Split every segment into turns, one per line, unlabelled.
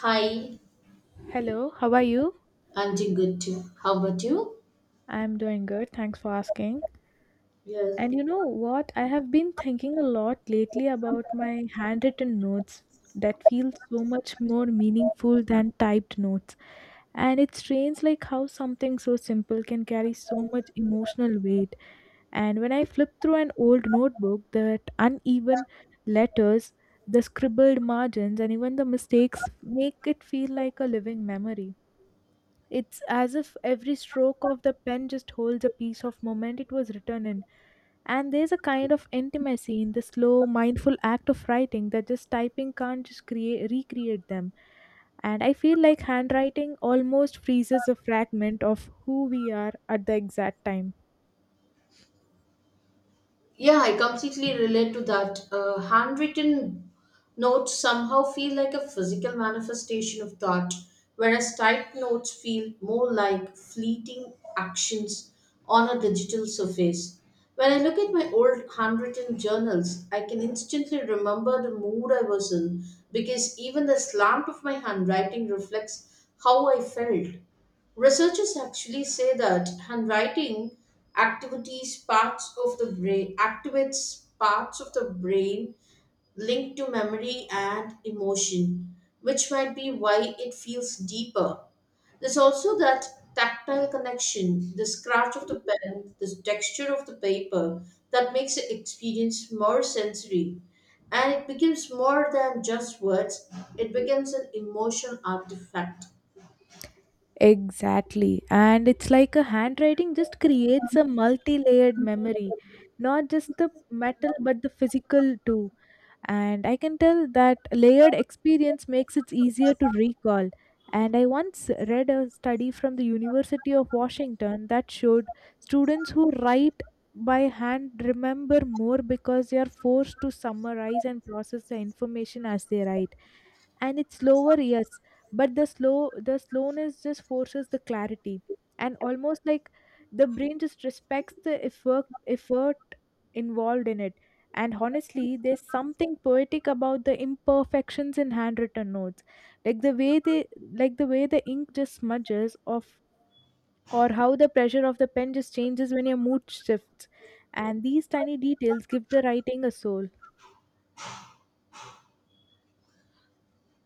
Hi,
Hello, how are you?
I'm doing good too. How about you?
I'm doing good. Thanks for asking.
Yes,
And you know what? I have been thinking a lot lately about my handwritten notes that feel so much more meaningful than typed notes. And it's strange like how something so simple can carry so much emotional weight. And when I flip through an old notebook, that uneven letters, the scribbled margins, and even the mistakes make it feel like a living memory. It's as if every stroke of the pen just holds a piece of moment it was written in. And there's a kind of intimacy in the slow, mindful act of writing that just typing can't just create recreate them. And I feel like handwriting almost freezes a fragment of who we are at the exact time.
yeah, I completely relate to that. Handwritten notes somehow feel like a physical manifestation of thought, whereas typed notes feel more like fleeting actions on a digital surface. When I look at my old handwritten journals, I can instantly remember the mood I was in because even the slant of my handwriting reflects how I felt. Researchers actually say that handwriting activities parts of the brain activates parts of the brain linked to memory and emotion, which might be why it feels deeper. There's also that tactile connection, the scratch of the pen, the texture of the paper that makes the experience more sensory. And it becomes more than just words, it becomes an emotional artifact.
Exactly. And it's like a handwriting just creates a multi layered memory, not just the metal, but the physical too. And I can tell that layered experience makes it easier to recall. And I once read a study from the University of Washington that showed students who write by hand remember more because they are forced to summarize and process the information as they write, and it's slower, yes, but the slowness just forces the clarity, and almost like the brain just respects the effort involved in it. And honestly there's something poetic about the imperfections in handwritten notes, like the way they like the way the ink just smudges off, or how the pressure of the pen just changes when your mood shifts, and these tiny details give the writing a soul.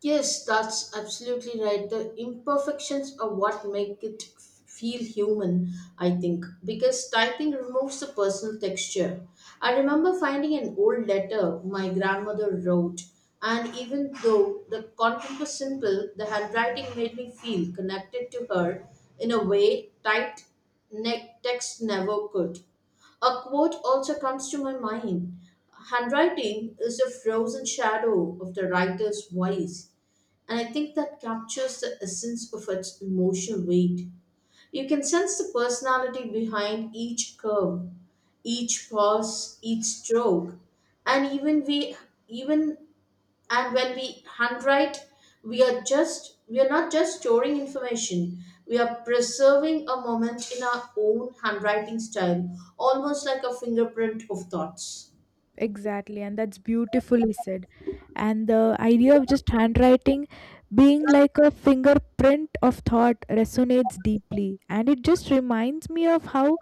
Yes, that's absolutely right. The imperfections are what make it feel human, I think, because typing removes the personal texture. I remember finding an old letter my grandmother wrote, and even though the content was simple, the handwriting made me feel connected to her in a way typed text never could. A quote also comes to my mind. Handwriting is a frozen shadow of the writer's voice. And I think that captures the essence of its emotional weight. You can sense the personality behind each curve, each pause, each stroke. And even we even and when we handwrite, we are not just storing information. We are preserving a moment in our own handwriting style, almost like a fingerprint of thoughts.
Exactly, and that's beautifully said. And the idea of just handwriting being like a fingerprint of thought resonates deeply. And it just reminds me of how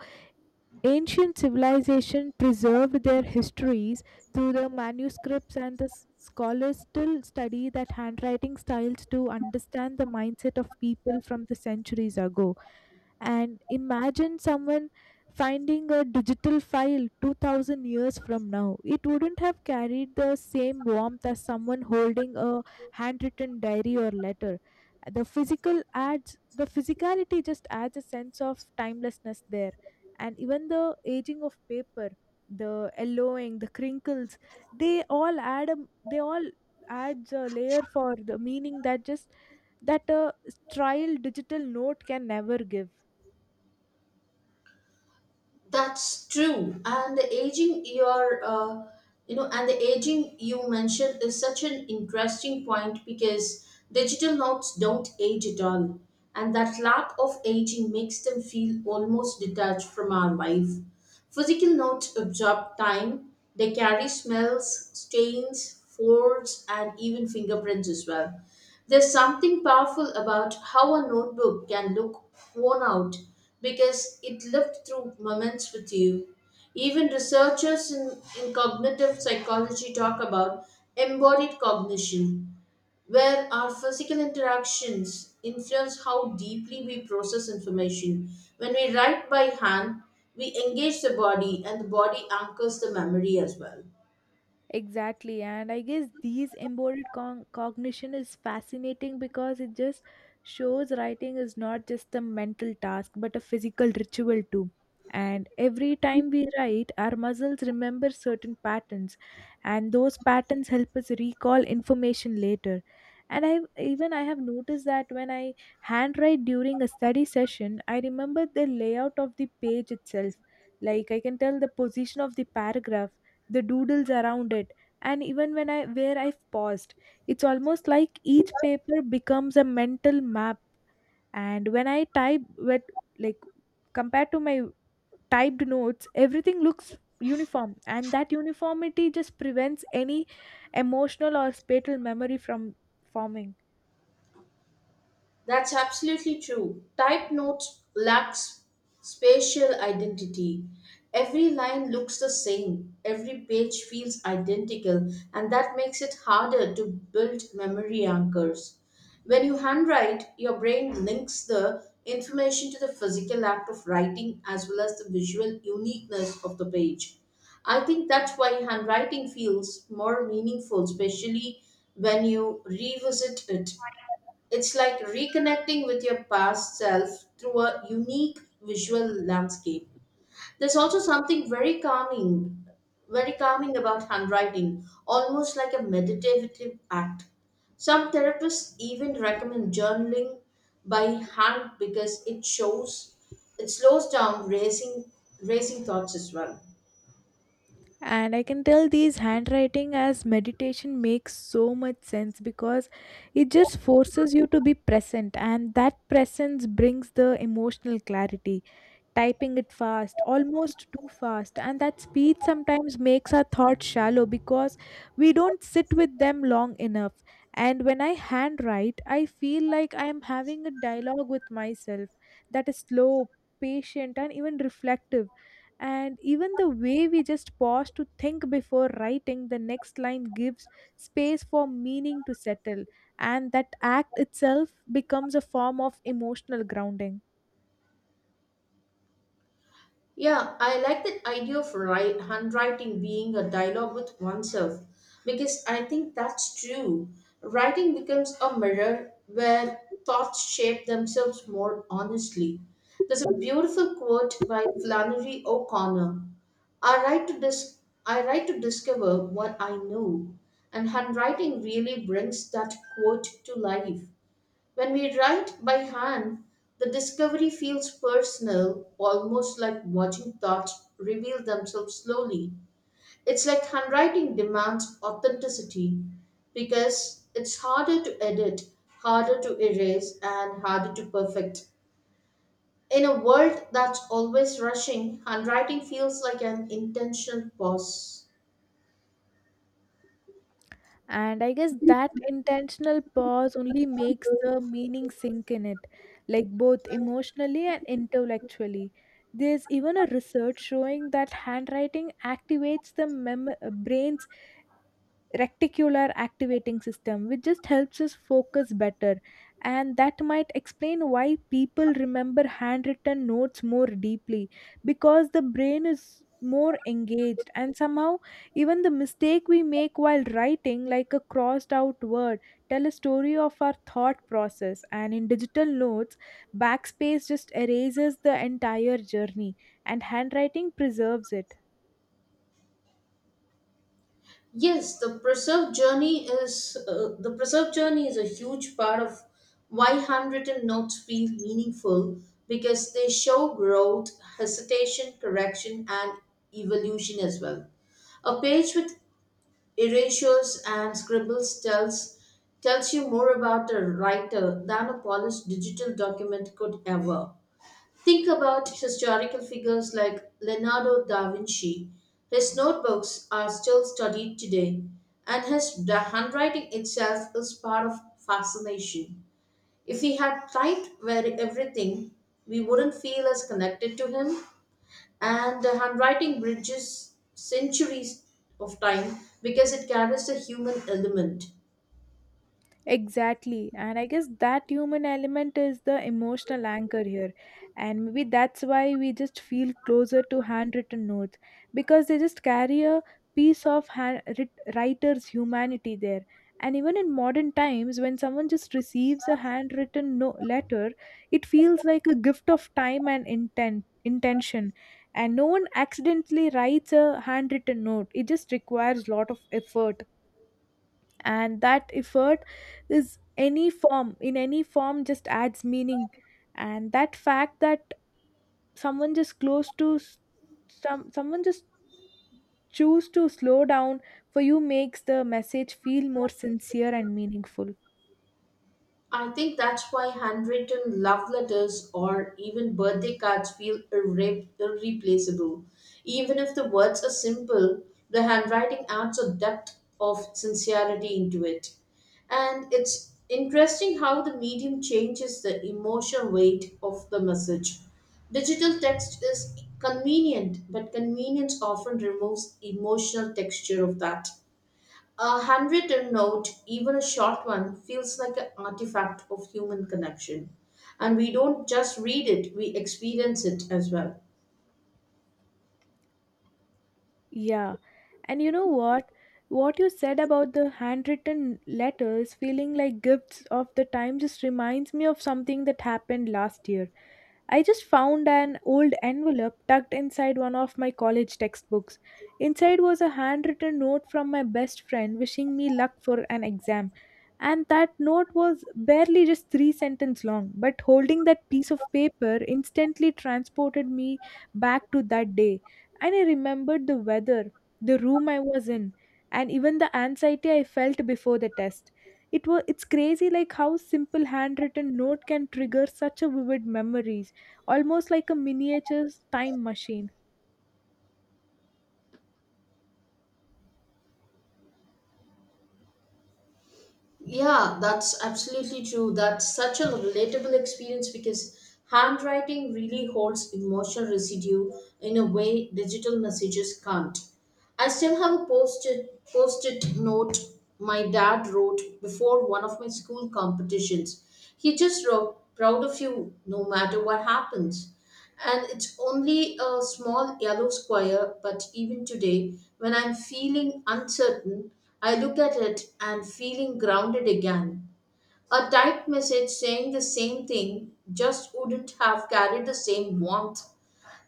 ancient civilization preserved their histories through the manuscripts, and scholars still study that handwriting styles to understand the mindset of people from the centuries ago. And imagine someone finding a digital file 2000 years from now. It wouldn't have carried the same warmth as someone holding a handwritten diary or letter. The physicality just adds a sense of timelessness there. And even the aging of paper, the yellowing, the crinkles, they all add a, they all adds a layer for the meaning that a trial digital note can never give.
That's true. And the aging your you know, and the aging you mentioned is such an interesting point because digital notes don't age at all. And that lack of aging makes them feel almost detached from our life. Physical notes absorb time, they carry smells, stains, folds, and even fingerprints as well. There's something powerful about how a notebook can look worn out because it lived through moments with you. Even researchers in cognitive psychology talk about embodied cognition, where our physical interactions influence how deeply we process information. When we write by hand, we engage the body, and the body anchors the memory as well.
Exactly, and I guess these embodied cognition is fascinating because it just shows writing is not just a mental task but a physical ritual too. And every time we write, our muscles remember certain patterns, and those patterns help us recall information later. And I have noticed that when I handwrite during a study session, I remember the layout of the page itself. Like I can tell the position of the paragraph, the doodles around it, and even when I where I've paused. It's almost like each paper becomes a mental map. And when I type, with, like, compared to my typed notes, everything looks uniform, and that uniformity just prevents any emotional or spatial memory from forming.
That's absolutely true. Type notes lacks spatial identity. Every line looks the same, every page feels identical, and that makes it harder to build memory anchors. When you handwrite, your brain links the information to the physical act of writing as well as the visual uniqueness of the page. I think that's why handwriting feels more meaningful, especially when you revisit it it's like reconnecting with your past self through a unique visual landscape. There's also something very calming about handwriting, almost like a meditative act. Some therapists even recommend journaling by hand because it slows down racing thoughts as well.
And I can tell these handwriting as meditation makes so much sense because it just forces you to be present, and that presence brings the emotional clarity. Typing it fast, almost too fast. And that speed sometimes makes our thoughts shallow because we don't sit with them long enough. And when I handwrite, I feel like I am having a dialogue with myself that is slow, patient, and even reflective. And even the way we just pause to think before writing the next line gives space for meaning to settle, and that act itself becomes a form of emotional grounding.
Yeah, I like that idea of handwriting being a dialogue with oneself because I think that's true. Writing becomes a mirror where thoughts shape themselves more honestly. There's a beautiful quote by Flannery O'Connor. I write to dis- I write to discover what I know, and handwriting really brings that quote to life. When we write by hand, the discovery feels personal, almost like watching thoughts reveal themselves slowly. It's like handwriting demands authenticity because it's harder to edit, harder to erase, and harder to perfect. In a world that's always rushing, handwriting feels like an intentional pause.
And I guess that intentional pause only makes the meaning sink in it, like both emotionally and intellectually. There's even a research showing that handwriting activates the brain's reticular activating system, which just helps us focus better, and that might explain why people remember handwritten notes more deeply because the brain is more engaged. And somehow even the mistake we make while writing, like a crossed out word, tell a story of our thought process, and in digital notes backspace just erases the entire journey, and handwriting preserves it.
Yes, the preserve journey is a huge part of why handwritten notes feel meaningful because they show growth, hesitation, correction, and evolution as well. A page with erasures and scribbles tells you more about a writer than a polished digital document could ever. Think about historical figures like Leonardo da Vinci. His notebooks are still studied today, and his the handwriting itself is part of fascination. If he had typed very everything, we wouldn't feel as connected to him. And the handwriting bridges centuries of time because it carries the human element.
Exactly. And I guess that human element is the emotional anchor here. And maybe that's why we just feel closer to handwritten notes, because they just carry a piece of writer's humanity there. And even in modern times, when someone just receives a handwritten letter, it feels like a gift of time and intention. And no one accidentally writes a handwritten note, it just requires lot of effort, and that effort is any form in any form just adds meaning. And that fact that someone just close to s- some someone just choose to slow down for you makes the message feel more sincere and meaningful.
I think that's why handwritten love letters or even birthday cards feel irreplaceable. Even if the words are simple, the handwriting adds a depth of sincerity into it. And it's interesting how the medium changes the emotional weight of the message. Digital text is convenient, but convenience often removes emotional texture of that. A handwritten note, even a short one, feels like an artifact of human connection. And we don't just read it, we experience it as well.
Yeah. And you know what you said about the handwritten letters feeling like gifts of the time just reminds me of something that happened last year. I just found an old envelope tucked inside one of my college textbooks. Inside was a handwritten note from my best friend wishing me luck for an exam. And that note was barely just three sentences long, but holding that piece of paper instantly transported me back to that day. And I remembered the weather, the room I was in, and even the anxiety I felt before the test. It's crazy like how simple handwritten note can trigger such a vivid memories, almost like a miniature time machine.
Yeah, that's absolutely true. That's such a relatable experience because handwriting really holds emotional residue in a way digital messages can't. I still have a post-it note my dad wrote before one of my school competitions. He just wrote, "Proud of you, no matter what happens." And it's only a small yellow square, but even today, when I'm feeling uncertain, I look at it and feeling grounded again. A typed message saying the same thing just wouldn't have carried the same warmth.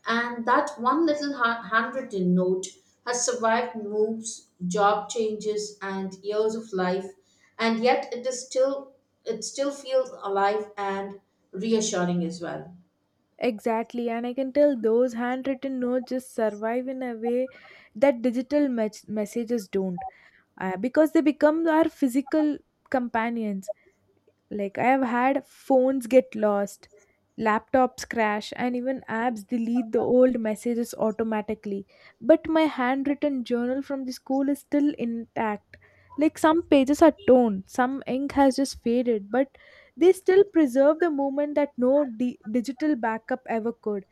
And that one little handwritten note has survived moves, job changes, and years of life, and yet it still feels alive and reassuring as well.
Exactly, and I can tell those handwritten notes just survive in a way that digital messages don't, because they become our physical companions. Like, I have had phones get lost, laptops crash, and even apps delete the old messages automatically. But my handwritten journal from the school is still intact. Like, some pages are torn, some ink has just faded, but they still preserve the moment that no digital backup ever could.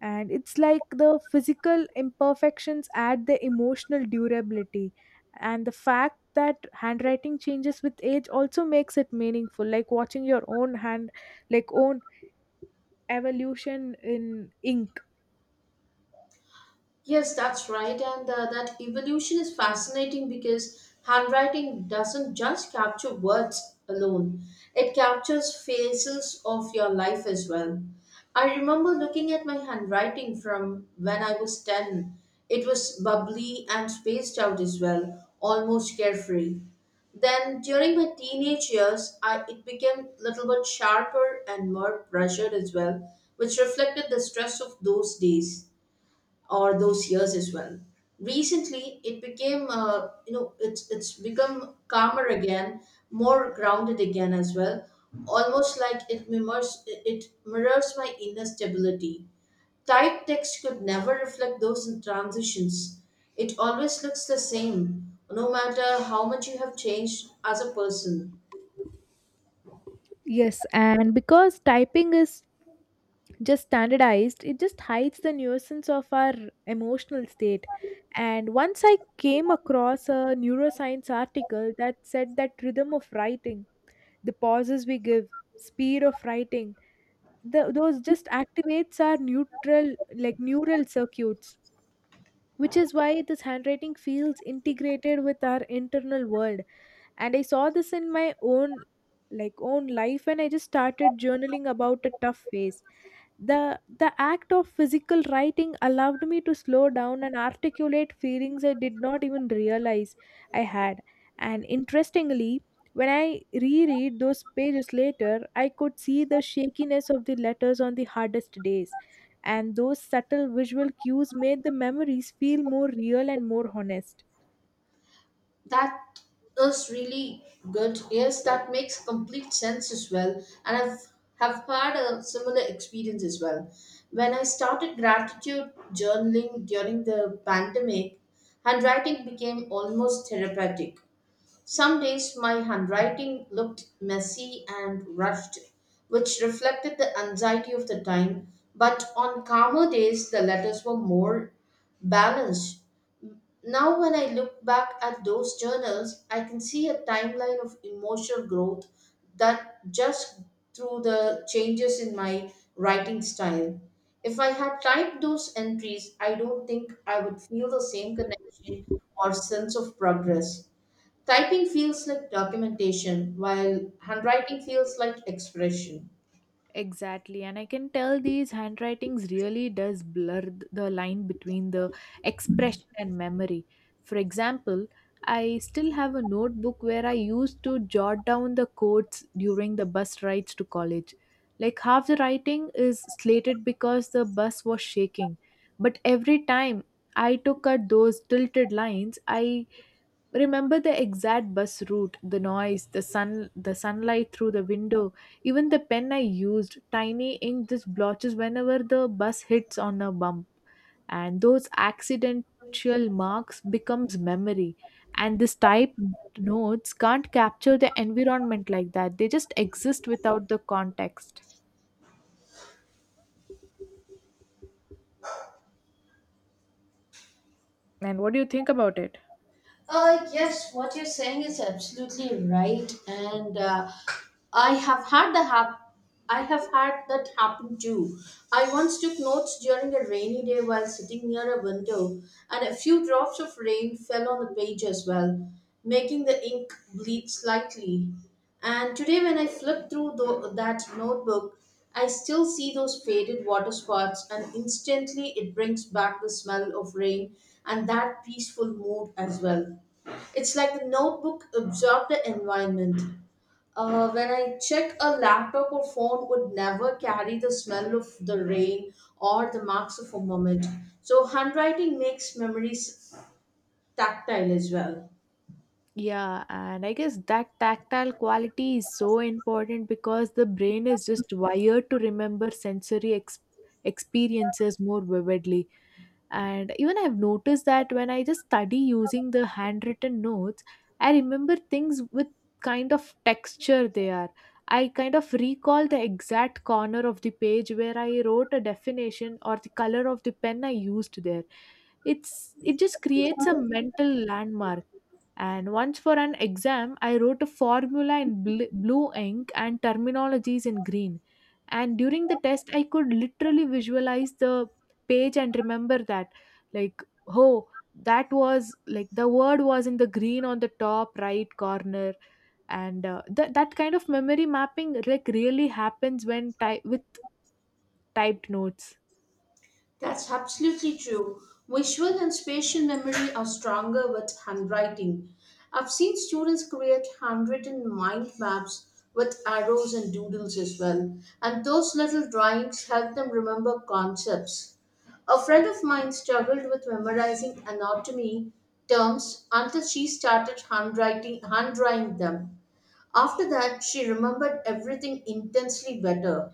And it's like the physical imperfections add the emotional durability, and the fact that handwriting changes with age also makes it meaningful, like watching your own hand like own evolution in ink.
Yes, that's right. And That evolution is fascinating because handwriting doesn't just capture words alone, it captures phases of your life as well. I remember looking at my handwriting from when I was 10. It was bubbly and spaced out as well, almost carefree. Then during my teenage years, it became a little bit sharper and more pressured as well, which reflected the stress of those days or those years as well. Recently, it became it's become calmer again, more grounded again as well. Almost like it mirrors my inner stability. Typed text could never reflect those in transitions. It always looks the same, no matter how much you have changed as a person.
Yes, and because typing is just standardized, it just hides the nuisance of our emotional state. And once I came across a neuroscience article that said that rhythm of writing, the pauses we give, speed of writing, those just activates our neutral like neural circuits, which is why this handwriting feels integrated with our internal world. And I saw this in my own own life, and I just started journaling about a tough phase. The the act of physical writing allowed me to slow down and articulate feelings I did not even realize I had. And interestingly, when I reread those pages later, I could see the shakiness of the letters on the hardest days, and those subtle visual cues made the memories feel more real and more honest.
That is really good. Yes, that makes complete sense as well. And I've have had a similar experience as well. When I started gratitude journaling during the pandemic, handwriting became almost therapeutic. Some days my handwriting looked messy and rushed, which reflected the anxiety of the time. But on calmer days, the letters were more balanced now, when I look back at those journals, I can see a timeline of emotional growth that just through the changes in my writing style. If I had typed those entries, I don't think I would feel the same connection or sense of progress. Typing feels like documentation, while handwriting feels like expression.
Exactly, and I can tell these handwritings really does blur the line between the expression and memory. For example, I still have a notebook where I used to jot down the quotes during the bus rides to college. Like half the writing is slated because the bus was shaking, but every time I took out those tilted lines, I remember the exact bus route, the noise, the sunlight through the window, even the pen I used, tiny ink just blotches whenever the bus hits on a bump, and those accidental marks becomes memory, and this type notes can't capture the environment like that, they just exist without the context. And what do you think about it?
Yes, what you're saying is absolutely right, and I have had the hap- I have had that happen too. I once took notes during a rainy day while sitting near a window, and a few drops of rain fell on the page as well, making the ink bleed slightly. And today, when I flip through that notebook, I still see those faded water spots, and instantly it brings back the smell of rain and that peaceful mood as well. It's like the notebook absorbed the environment. When I check, a laptop or phone would never carry the smell of the rain or the marks of a moment. So handwriting makes memories tactile as well.
Yeah, and I guess that tactile quality is so important because the brain is just wired to remember sensory experiences more vividly. And even I've noticed that when I just study using the handwritten notes, I remember things with kind of texture they are. I kind of recall the exact corner of the page where I wrote a definition or the color of the pen I used there. It just creates a mental landmark. And once for an exam, I wrote a formula in blue ink and terminologies in green. And during the test, I could literally visualize the page and remember that, like, oh, that was like the word was in the green on the top right corner. And that kind of memory mapping like really happens with typed notes.
That's absolutely true. Visual and spatial memory are stronger with handwriting. I've seen students create handwritten mind maps with arrows and doodles as well, and those little drawings help them remember concepts. A friend of mine struggled with memorizing anatomy terms until she started hand drawing them. After that, she remembered everything intensely better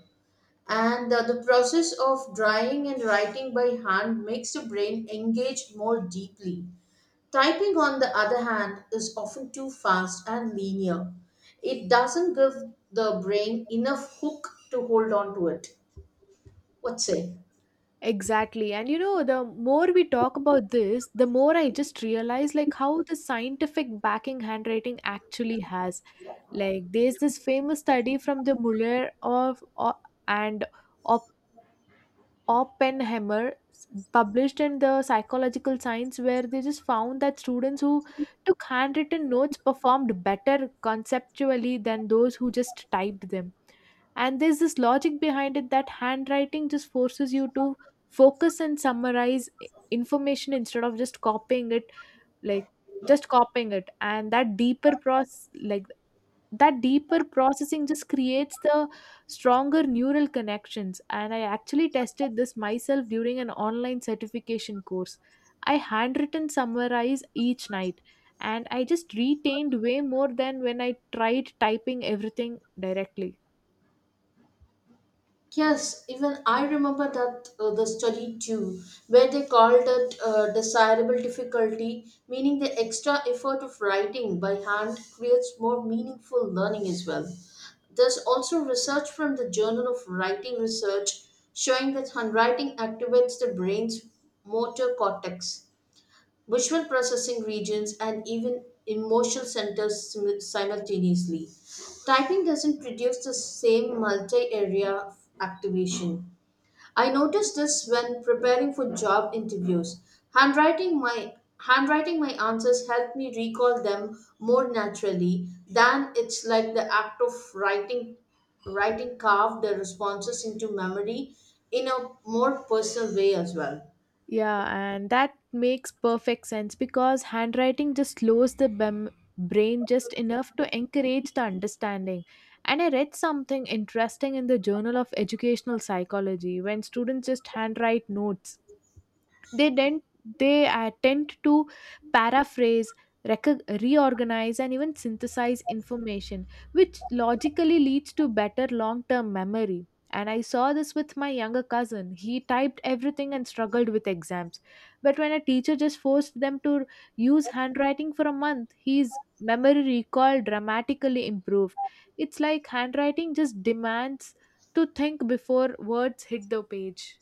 and the process of drawing and writing by hand makes the brain engage more deeply. Typing, on the other hand, is often too fast and linear. It doesn't give the brain enough hook to hold on to it. What say?
Exactly. And you know, the more we talk about this, the more I just realize like how the scientific backing handwriting actually has. Like there's this famous study from the Muller of, o- and Oppenheimer published in the psychological science where they just found that students who took handwritten notes performed better conceptually than those who just typed them. And there's this logic behind it that handwriting just forces you to focus and summarize information instead of just copying it, like and that deeper process like that deeper processing just creates the stronger neural connections. And I actually tested this myself during an online certification course. I handwritten summarize each night and I just retained way more than when I tried typing everything directly.
Yes, even I remember that the study too, where they called it desirable difficulty, meaning the extra effort of writing by hand creates more meaningful learning as well. There's also research from the Journal of Writing Research showing that handwriting activates the brain's motor cortex, visual processing regions, and even emotional centers simultaneously. Typing doesn't produce the same multi area activation. I noticed this when preparing for job interviews. Handwriting my Handwriting my answers helped me recall them more naturally than it's like the act of writing carved the responses into memory in a more personal way as well.
Yeah, and that makes perfect sense because handwriting just slows the brain just enough to encourage the understanding. And I read something interesting in the Journal of Educational Psychology. When students just handwrite notes, they then they tend to paraphrase, reorganize, and even synthesize information, which logically leads to better long-term memory. And I saw this with my younger cousin. He typed everything and struggled with exams, but when a teacher just forced them to use handwriting for a month, his memory recall dramatically improved. It's like handwriting just demands to think before words hit the page.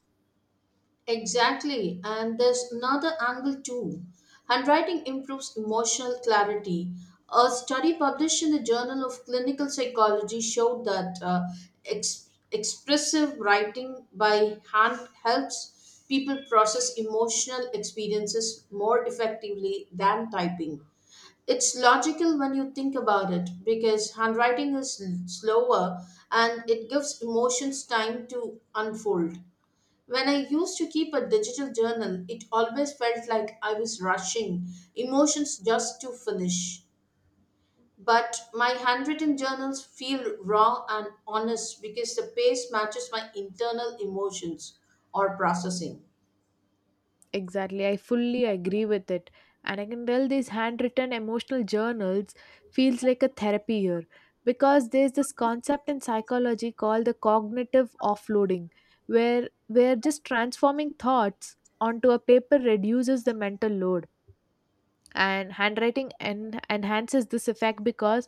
Exactly, and there's another angle too. Handwriting improves emotional clarity. A study published in the Journal of Clinical Psychology showed that expressive writing by hand helps people process emotional experiences more effectively than typing. It's logical when you think about it because handwriting is slower and it gives emotions time to unfold. When I used to keep a digital journal, it always felt like I was rushing emotions just to finish. But my handwritten journals feel raw and honest because the pace matches my internal emotions or processing.
Exactly, I fully agree with it. And I can tell these handwritten emotional journals feels like a therapy here, because there's this concept in psychology called the cognitive offloading, where just transforming thoughts onto a paper reduces the mental load. And handwriting enhances this effect because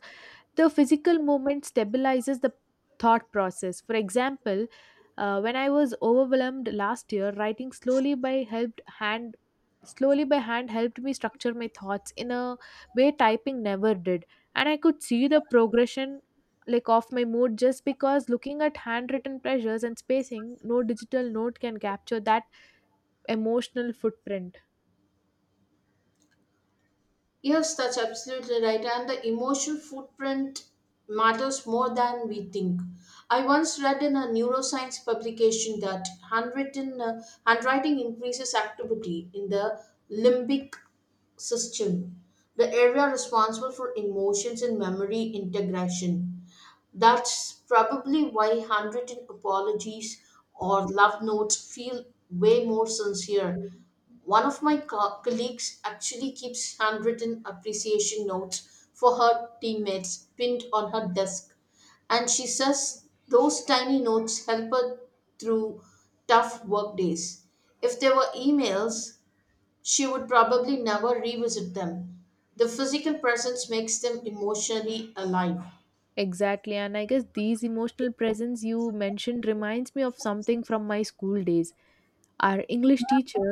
the physical movement stabilizes the thought process. For example, when I was overwhelmed last year, writing slowly by helped hand slowly by hand helped me structure my thoughts in a way typing never did. And I could see the progression, like, of my mood just because looking at handwritten pressures and spacing. No digital note can capture that emotional footprint.
Yes, that's absolutely right. And the emotional footprint matters more than we think. I once read in a neuroscience publication that handwritten handwriting increases activity in the limbic system, the area responsible for emotions and memory integration. That's probably why handwritten apologies or love notes feel way more sincere. One of my colleagues actually keeps handwritten appreciation notes for her teammates pinned on her desk, and she says those tiny notes help her through tough work days. If there were emails, she would probably never revisit them. The physical presence makes them emotionally alive.
Exactly, and I guess these emotional presence you mentioned reminds me of something from my school days. Our English teacher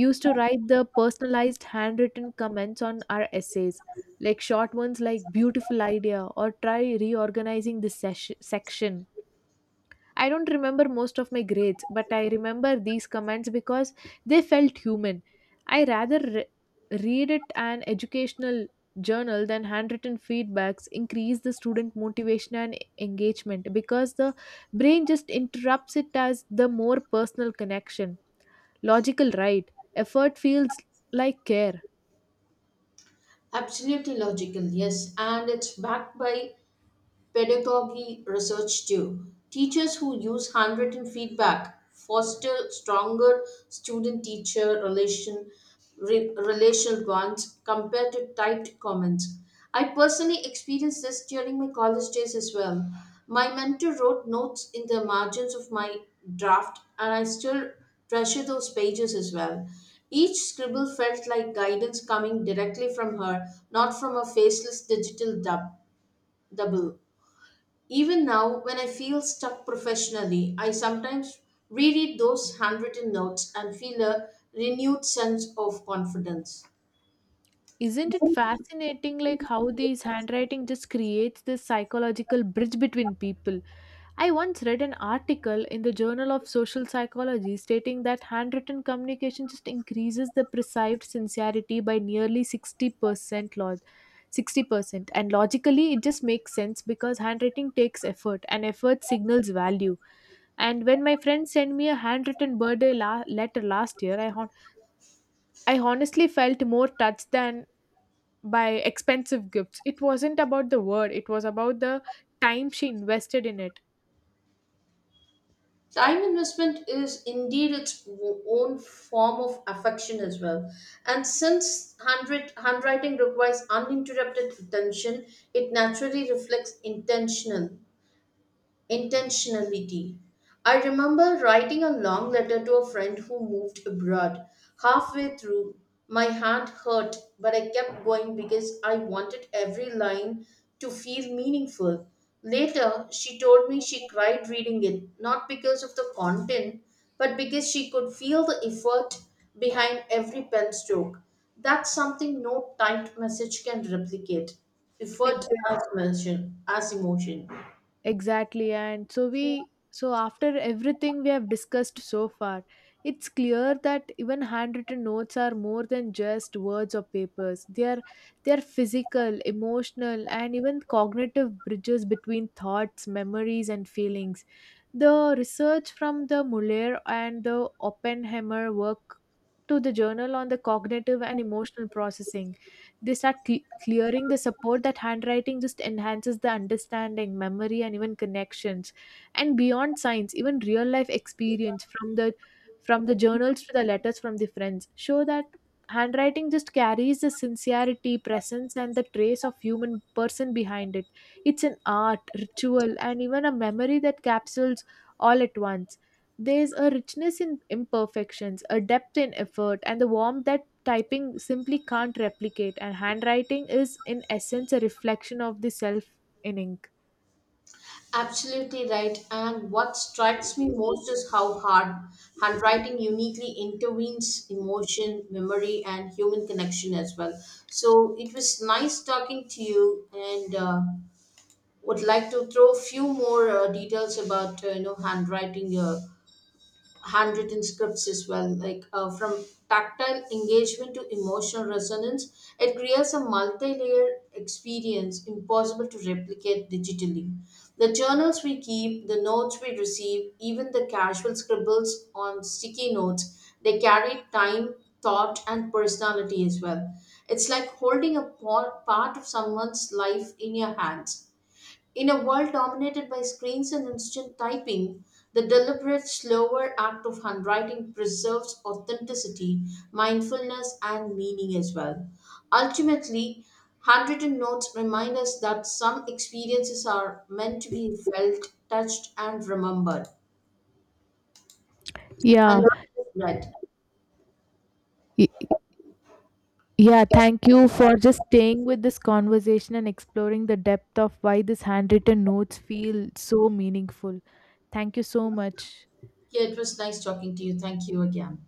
used to write the personalized handwritten comments on our essays, like short ones like beautiful idea or try reorganizing this section. I don't remember most of my grades, but I remember these comments because they felt human. I rather re- Read it an educational journal than handwritten feedbacks increase the student motivation and engagement because the brain just interrupts it as the more personal connection. Logical, right? Effort feels like care.
Absolutely logical, yes, and it's backed by pedagogy research too. Teachers who use handwritten feedback foster stronger student-teacher relation relational bonds compared to typed comments. I personally experienced this during my college days as well. My mentor wrote notes in the margins of my draft, and I still treasure those pages as well. Each scribble felt like guidance coming directly from her, not from a faceless double. Even now, when I feel stuck professionally, I sometimes reread those handwritten notes and feel a renewed sense of confidence.
Isn't it fascinating, like, how these handwriting just creates this psychological bridge between people? I once read an article in the Journal of Social Psychology stating that handwritten communication just increases the perceived sincerity by nearly 60%. And logically it just makes sense because handwriting takes effort, and effort signals value. And when my friend sent me a handwritten birthday letter last year, I honestly felt more touched than by expensive gifts. It wasn't about the word, it was about the time she invested in it.
Time investment is indeed its own form of affection as well. And since handwriting requires uninterrupted attention, it naturally reflects intentionality. I remember writing a long letter to a friend who moved abroad. Halfway through, my hand hurt, but I kept going because I wanted every line to feel meaningful. Later, she told me she cried reading it, not because of the content, but because she could feel the effort behind every pen stroke. That's something no typed message can replicate.
Exactly.
As emotion.
Exactly. And so we so after everything we have discussed so far, it's clear that even handwritten notes are more than just words or papers. They are physical, emotional, and even cognitive bridges between thoughts, memories, and feelings. The research from the Muller and the Oppenheimer work to the journal on the cognitive and emotional processing. They start clearing the support that handwriting just enhances the understanding, memory, and even connections. And beyond science, even real life experience from the journals to the letters from the friends show that handwriting just carries the sincerity, presence, and the trace of human person behind it. It's an art, ritual, and even a memory that capsules all at once. There's a richness in imperfections, a depth in effort, and the warmth that typing simply can't replicate. And handwriting is, in essence, a reflection of the self in ink.
Absolutely right. And what strikes me most is how hard handwriting uniquely intervenes emotion, memory, and human connection as well. So it was nice talking to you, and would like to throw a few more details about handwriting. Handwritten scripts as well like from tactile engagement to emotional resonance it creates a multi-layered experience impossible to replicate digitally, the journals we keep, the notes we receive, even the casual scribbles on sticky notes, they carry time, thought and personality as well. It's like holding a part of someone's life in your hands. In a world dominated by screens and instant typing, the deliberate, slower act of handwriting preserves authenticity, mindfulness, and meaning as well. Ultimately, handwritten notes remind us that some experiences are meant to be felt, touched, and remembered, and
Yeah,
not just read.
y- yeah, thank you for just staying with this conversation and exploring the depth of why these handwritten notes feel so meaningful. Thank you so much.
Yeah, it was nice talking to you. Thank you again.